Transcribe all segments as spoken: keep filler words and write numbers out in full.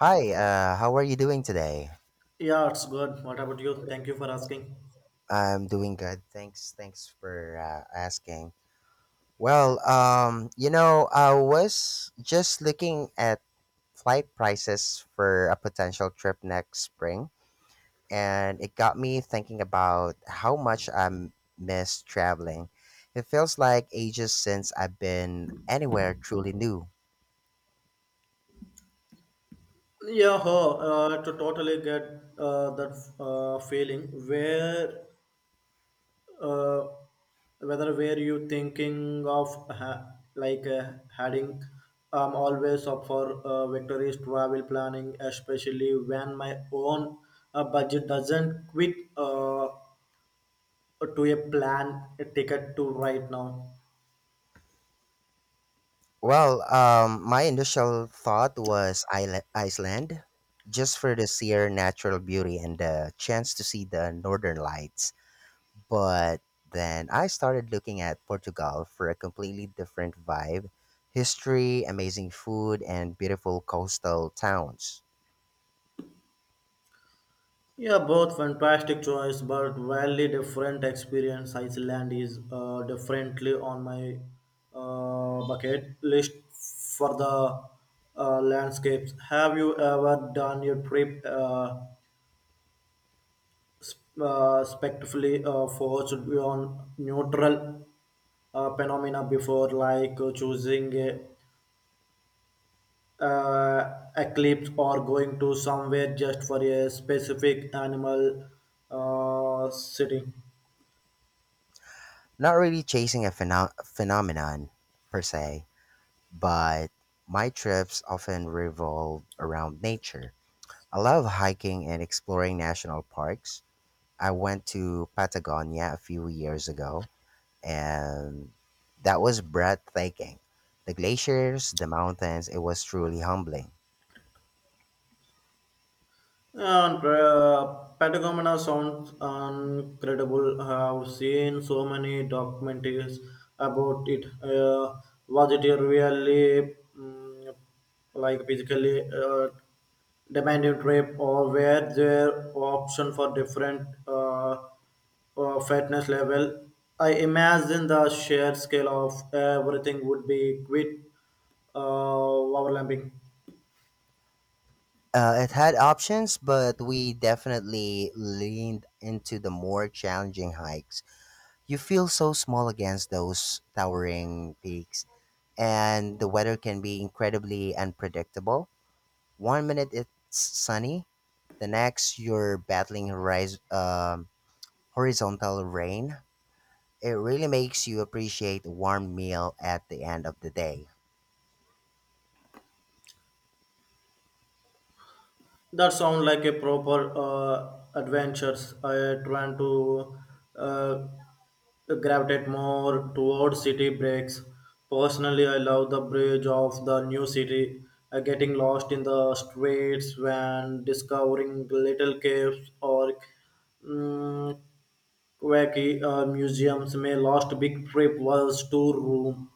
Hi, uh, how are you doing today? Yeah, it's good. What about you? Thank you for asking. I'm doing good. Thanks. Thanks for uh, asking. Well, um, you know, I was just looking at flight prices for a potential trip next spring, and it got me thinking about how much I m- miss traveling. It feels like ages since I've been anywhere truly new. Yeah, huh, uh, to totally get uh, that uh, feeling where uh, whether where you thinking of ha- like uh, heading. I'm always up for uh, victorious travel planning, especially when my own uh, budget doesn't quit uh, to a plan a ticket to right now. Well, um, my initial thought was Isla- Iceland, just for the sheer natural beauty and the chance to see the northern lights. But then I started looking at Portugal for a completely different vibe, history, amazing food, and beautiful coastal towns. Yeah, both fantastic choice, but wildly different experience. Iceland is uh, definitely on my uh, bucket list for the uh, landscapes. Have you ever done your trip uh, sp- uh, spectacularly uh, forced on neutral uh, phenomena before, like uh, choosing a uh, eclipse or going to somewhere just for a specific animal uh, sitting? Not really chasing a pheno- phenomenon per se, but my trips often revolve around nature. I love hiking and exploring national parks. I went to Patagonia a few years ago, and that was breathtaking. The glaciers, the mountains, it was truly humbling. And uh, Patagonia sounds incredible. I've seen so many documentaries about it. Uh, was it really mm, like physically uh, demanding trip, or were there option for different uh, uh, fitness level? I imagine the sheer scale of everything would be quite uh, overlapping. Uh, it had options, but we definitely leaned into the more challenging hikes. You feel so small against those towering peaks, and the weather can be incredibly unpredictable. One minute it's sunny, the next you're battling horiz- um, horizontal rain. It really makes you appreciate a warm meal at the end of the day. That sound like a proper uh, adventures. I trying to uh, gravitate more towards city breaks. Personally, I love the bridge of the new city. Uh, getting lost in the streets when discovering little caves or mm quirky uh, museums. My last big trip was to Rome,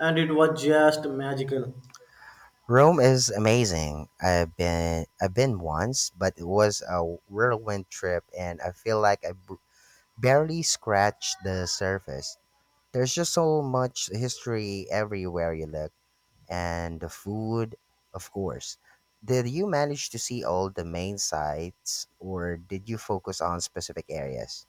and it was just magical. Rome is amazing. I've been I've been once, but it was a whirlwind trip and I feel like I b- barely scratched the surface. There's just so much history everywhere you look, and the food, of course. Did you manage to see all the main sites or did you focus on specific areas?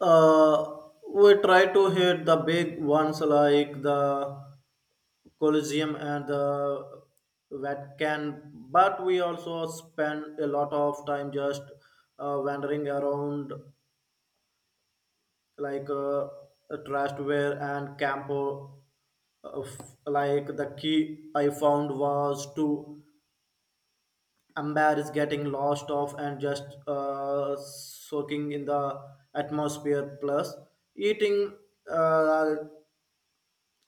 Uh, we try to hit the big ones like the Colosseum and the Vatican, but we also spend a lot of time just uh, wandering around like uh, Trastware and Campo. Uh, f- like the key I found was to embarrass getting lost off and just uh, soaking in the atmosphere. Plus, eating. Uh,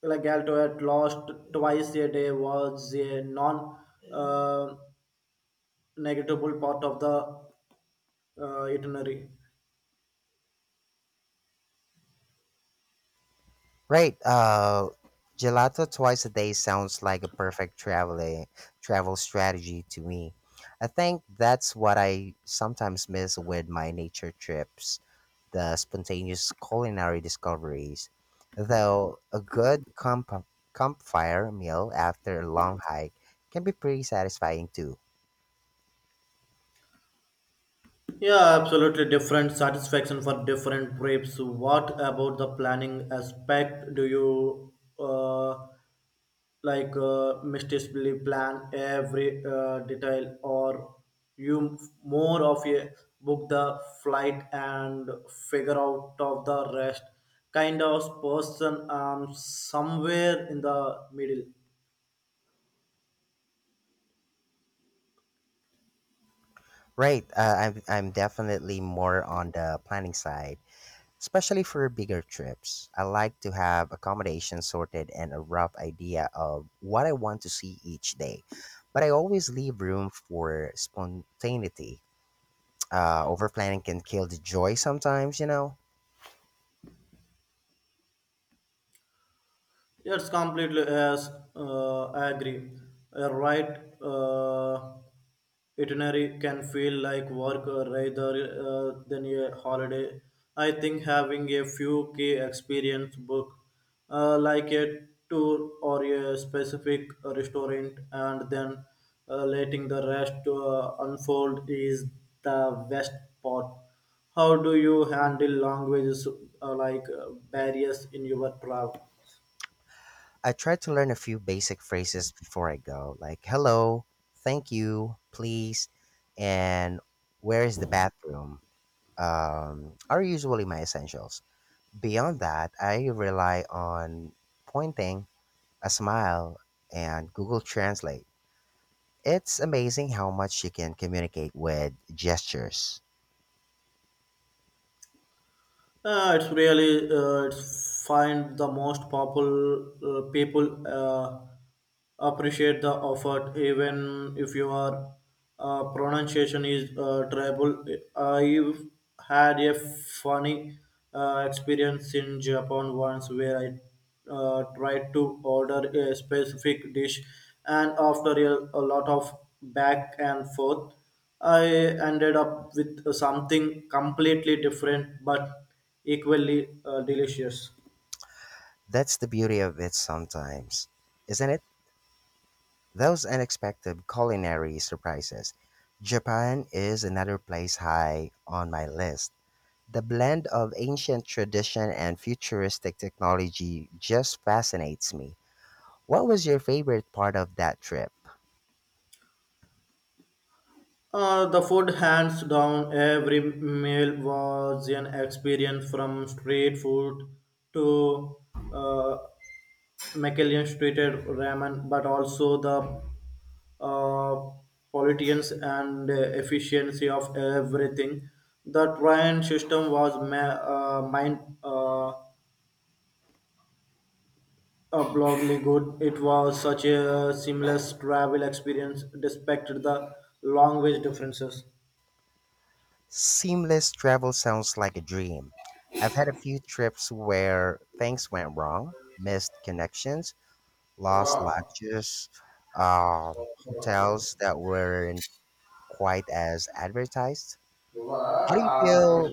like Alto at lost twice a day was a non uh, negatable part of the uh, itinerary. Right. Uh, gelato twice a day sounds like a perfect travel eh, travel strategy to me. I think that's what I sometimes miss with my nature trips, the spontaneous culinary discoveries. Though a good camp- campfire meal after a long hike can be pretty satisfying too. Yeah, absolutely different satisfaction for different trips. What about the planning aspect? Do you uh, like uh, meticulously plan every uh, detail or you m- more of a book the flight and figure out of the rest kind of person um somewhere in the middle. Right. Uh, I'm I'm definitely more on the planning side. Especially for bigger trips, I like to have accommodation sorted and a rough idea of what I want to see each day. But I always leave room for spontaneity. Uh, over planning can kill the joy sometimes, you know? It's completely yes. Uh, I agree. A right uh, itinerary can feel like work uh, rather uh, than a holiday. I think having a few key experience book, uh, like a tour or a specific restaurant, and then uh, letting the rest uh, unfold is the best part. How do you handle languages uh, like uh, barriers in your travel? I try to learn a few basic phrases before I go, like hello, thank you, please, and where is the bathroom? Um, are usually my essentials. Beyond that, I rely on pointing, a smile, and Google Translate. It's amazing how much you can communicate with gestures. Uh, it's really uh, it's find the most popular uh, people uh, appreciate the effort even if your uh, pronunciation is uh, tribal. I've had a funny uh, experience in Japan once where I uh, tried to order a specific dish and after a, a lot of back and forth, I ended up with something completely different but equally uh, delicious. That's the beauty of it sometimes, isn't it? Those unexpected culinary surprises. Japan is another place high on my list. The blend of ancient tradition and futuristic technology just fascinates me. What was your favorite part of that trip? Uh, the food, hands down, every meal was an experience from street food to uh, Michelin treated ramen, but also the uh, politicians and uh, efficiency of everything. The train system was ma- uh, mind. Uh, Applaudably good. It was such a seamless travel experience despite the language differences. Seamless travel sounds like a dream. I've had a few trips where things went wrong, missed connections, lost Oh, lodges, uh, hotels that weren't quite as advertised. How do you feel?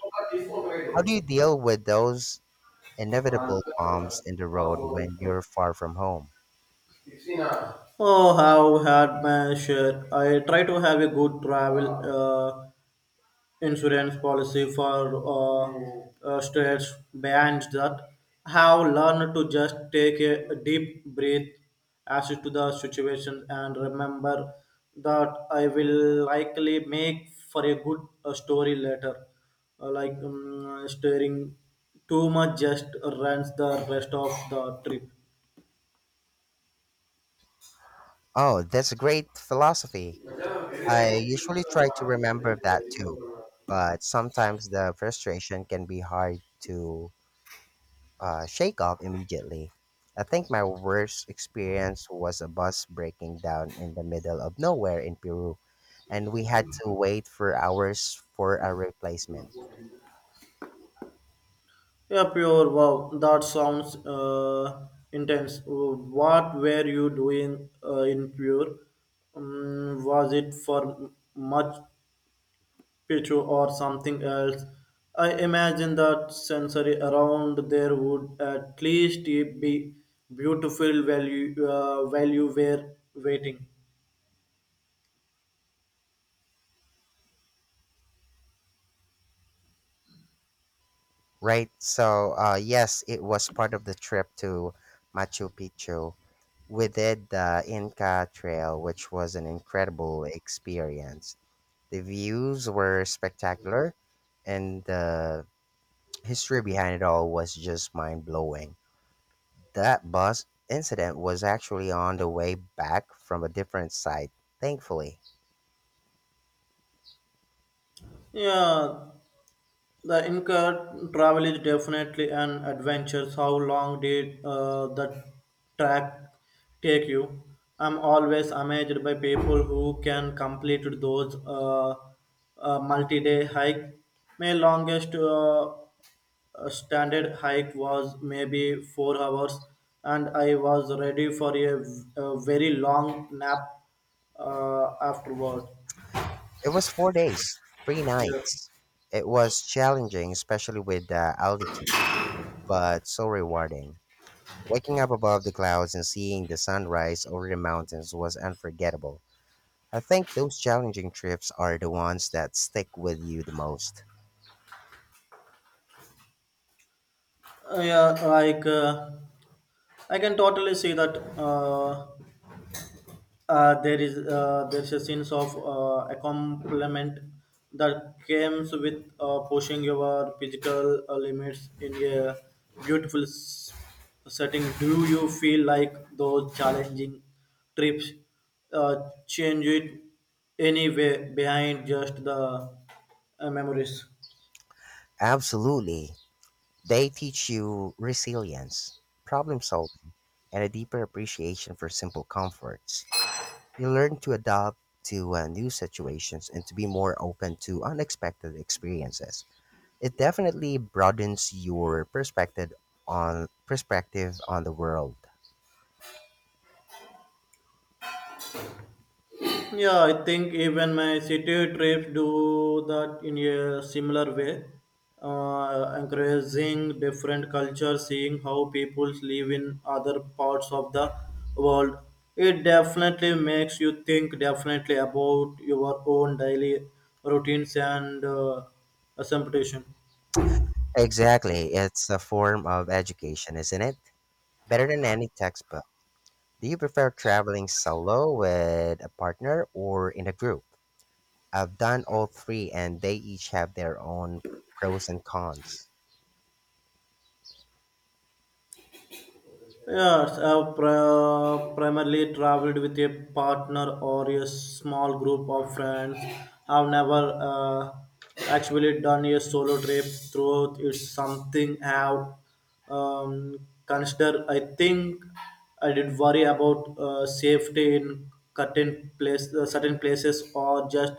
How do you deal with those inevitable bumps in the road when you're far from home? how had my share. I try to have a good travel. Uh, insurance policy for uh, uh, states behind that have learned to just take a, a deep breath as to the situation and remember that I will likely make for a good uh, story later. Uh, like um, stirring too much just runs the rest of the trip. Oh, that's a great philosophy. I usually try to remember that too, but sometimes the frustration can be hard to uh, shake off immediately. I think my worst experience was a bus breaking down in the middle of nowhere in Peru, and we had to wait for hours for a replacement. Yeah, pure wow. That sounds uh, intense. What were you doing uh, in pure? Um, was it for much picture or something else? I imagine that sensory around there would at least be beautiful value uh, value were waiting. Right? So, uh, yes, it was part of the trip to Machu Picchu. We did the Inca Trail, which was an incredible experience. The views were spectacular, and the history behind it all was just mind blowing. That bus incident was actually on the way back from a different site, thankfully. Yeah, the Inca travel is definitely an adventure. How long did uh, the track take you? I'm always amazed by people who can complete those uh, uh, multi-day hike. My longest uh, uh, standard hike was maybe four hours, and I was ready for a, a very long nap uh, afterward. It was four days, three nights. It was challenging, especially with the altitude, but so rewarding. Waking up above the clouds and seeing the sunrise over the mountains was unforgettable. I think those challenging trips are the ones that stick with you the most. Uh, yeah, like. Uh, I can totally see that uh, uh, there is uh, there's a sense of uh, accompaniment that comes with uh, pushing your physical uh, limits in a beautiful s- setting. Do you feel like those challenging trips uh, change it anyway behind just the uh, memories? Absolutely. They teach you resilience, problem solving, and a deeper appreciation for simple comforts. You learn to adapt to uh, new situations and to be more open to unexpected experiences. It definitely broadens your perspective on perspective on the world. Yeah, I think even my city trips do that in a similar way, uh, encouraging different cultures, seeing how people live in other parts of the world. It definitely makes you think definitely about your own daily routines and uh, assumption. Exactly. It's a form of education, isn't it? Better than any textbook. Do you prefer traveling solo, with a partner, or in a group? I've done all three and they each have their own pros and cons. Yes, I've pri- uh, primarily traveled with a partner or a small group of friends. I've never uh, actually done a solo trip throughout. It's something I've um, considered. I think I did worry about uh, safety in certain, place, uh, certain places or just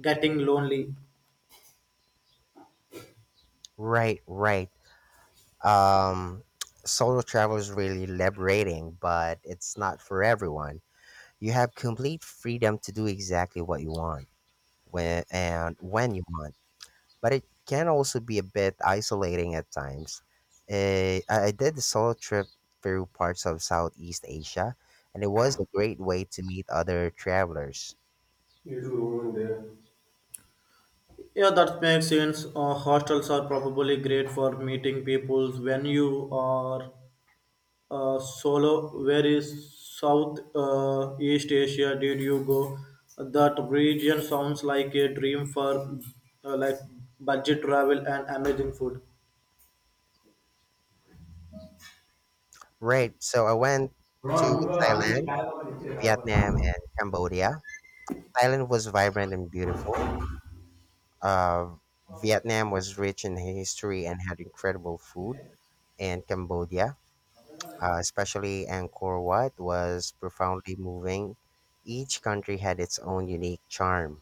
getting lonely. Right, right. Um, solo travel is really liberating, but it's not for everyone. You have complete freedom to do exactly what you want, when and when you want, but it can also be a bit isolating at times. Eh, I I did the solo trip through parts of Southeast Asia, and it was a great way to meet other travelers. You do over there. Yeah, that makes sense. Uh, hostels are probably great for meeting people when you are uh, solo. Where is South uh, East Asia? Did you go? That region sounds like a dream for uh, like budget travel and amazing food. Right, so I went to Thailand, Vietnam, and Cambodia. Thailand was vibrant and beautiful. Uh, Vietnam was rich in history and had incredible food, and Cambodia, uh, especially Angkor Wat, was profoundly moving. Each country had its own unique charm.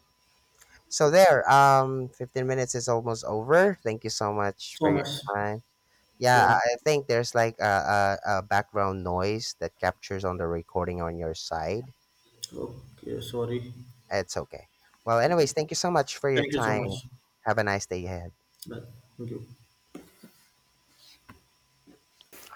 So there, um, fifteen minutes is almost over. Thank you so much for So your much. time. Yeah, Yeah. I I think there's like a, a, a background noise that captures on the recording on your side. Okay. Sorry. It's okay. Well, Okay. anyways, thank you so much for your Thank you so much. time. Have a nice day ahead. Bye. Thank you.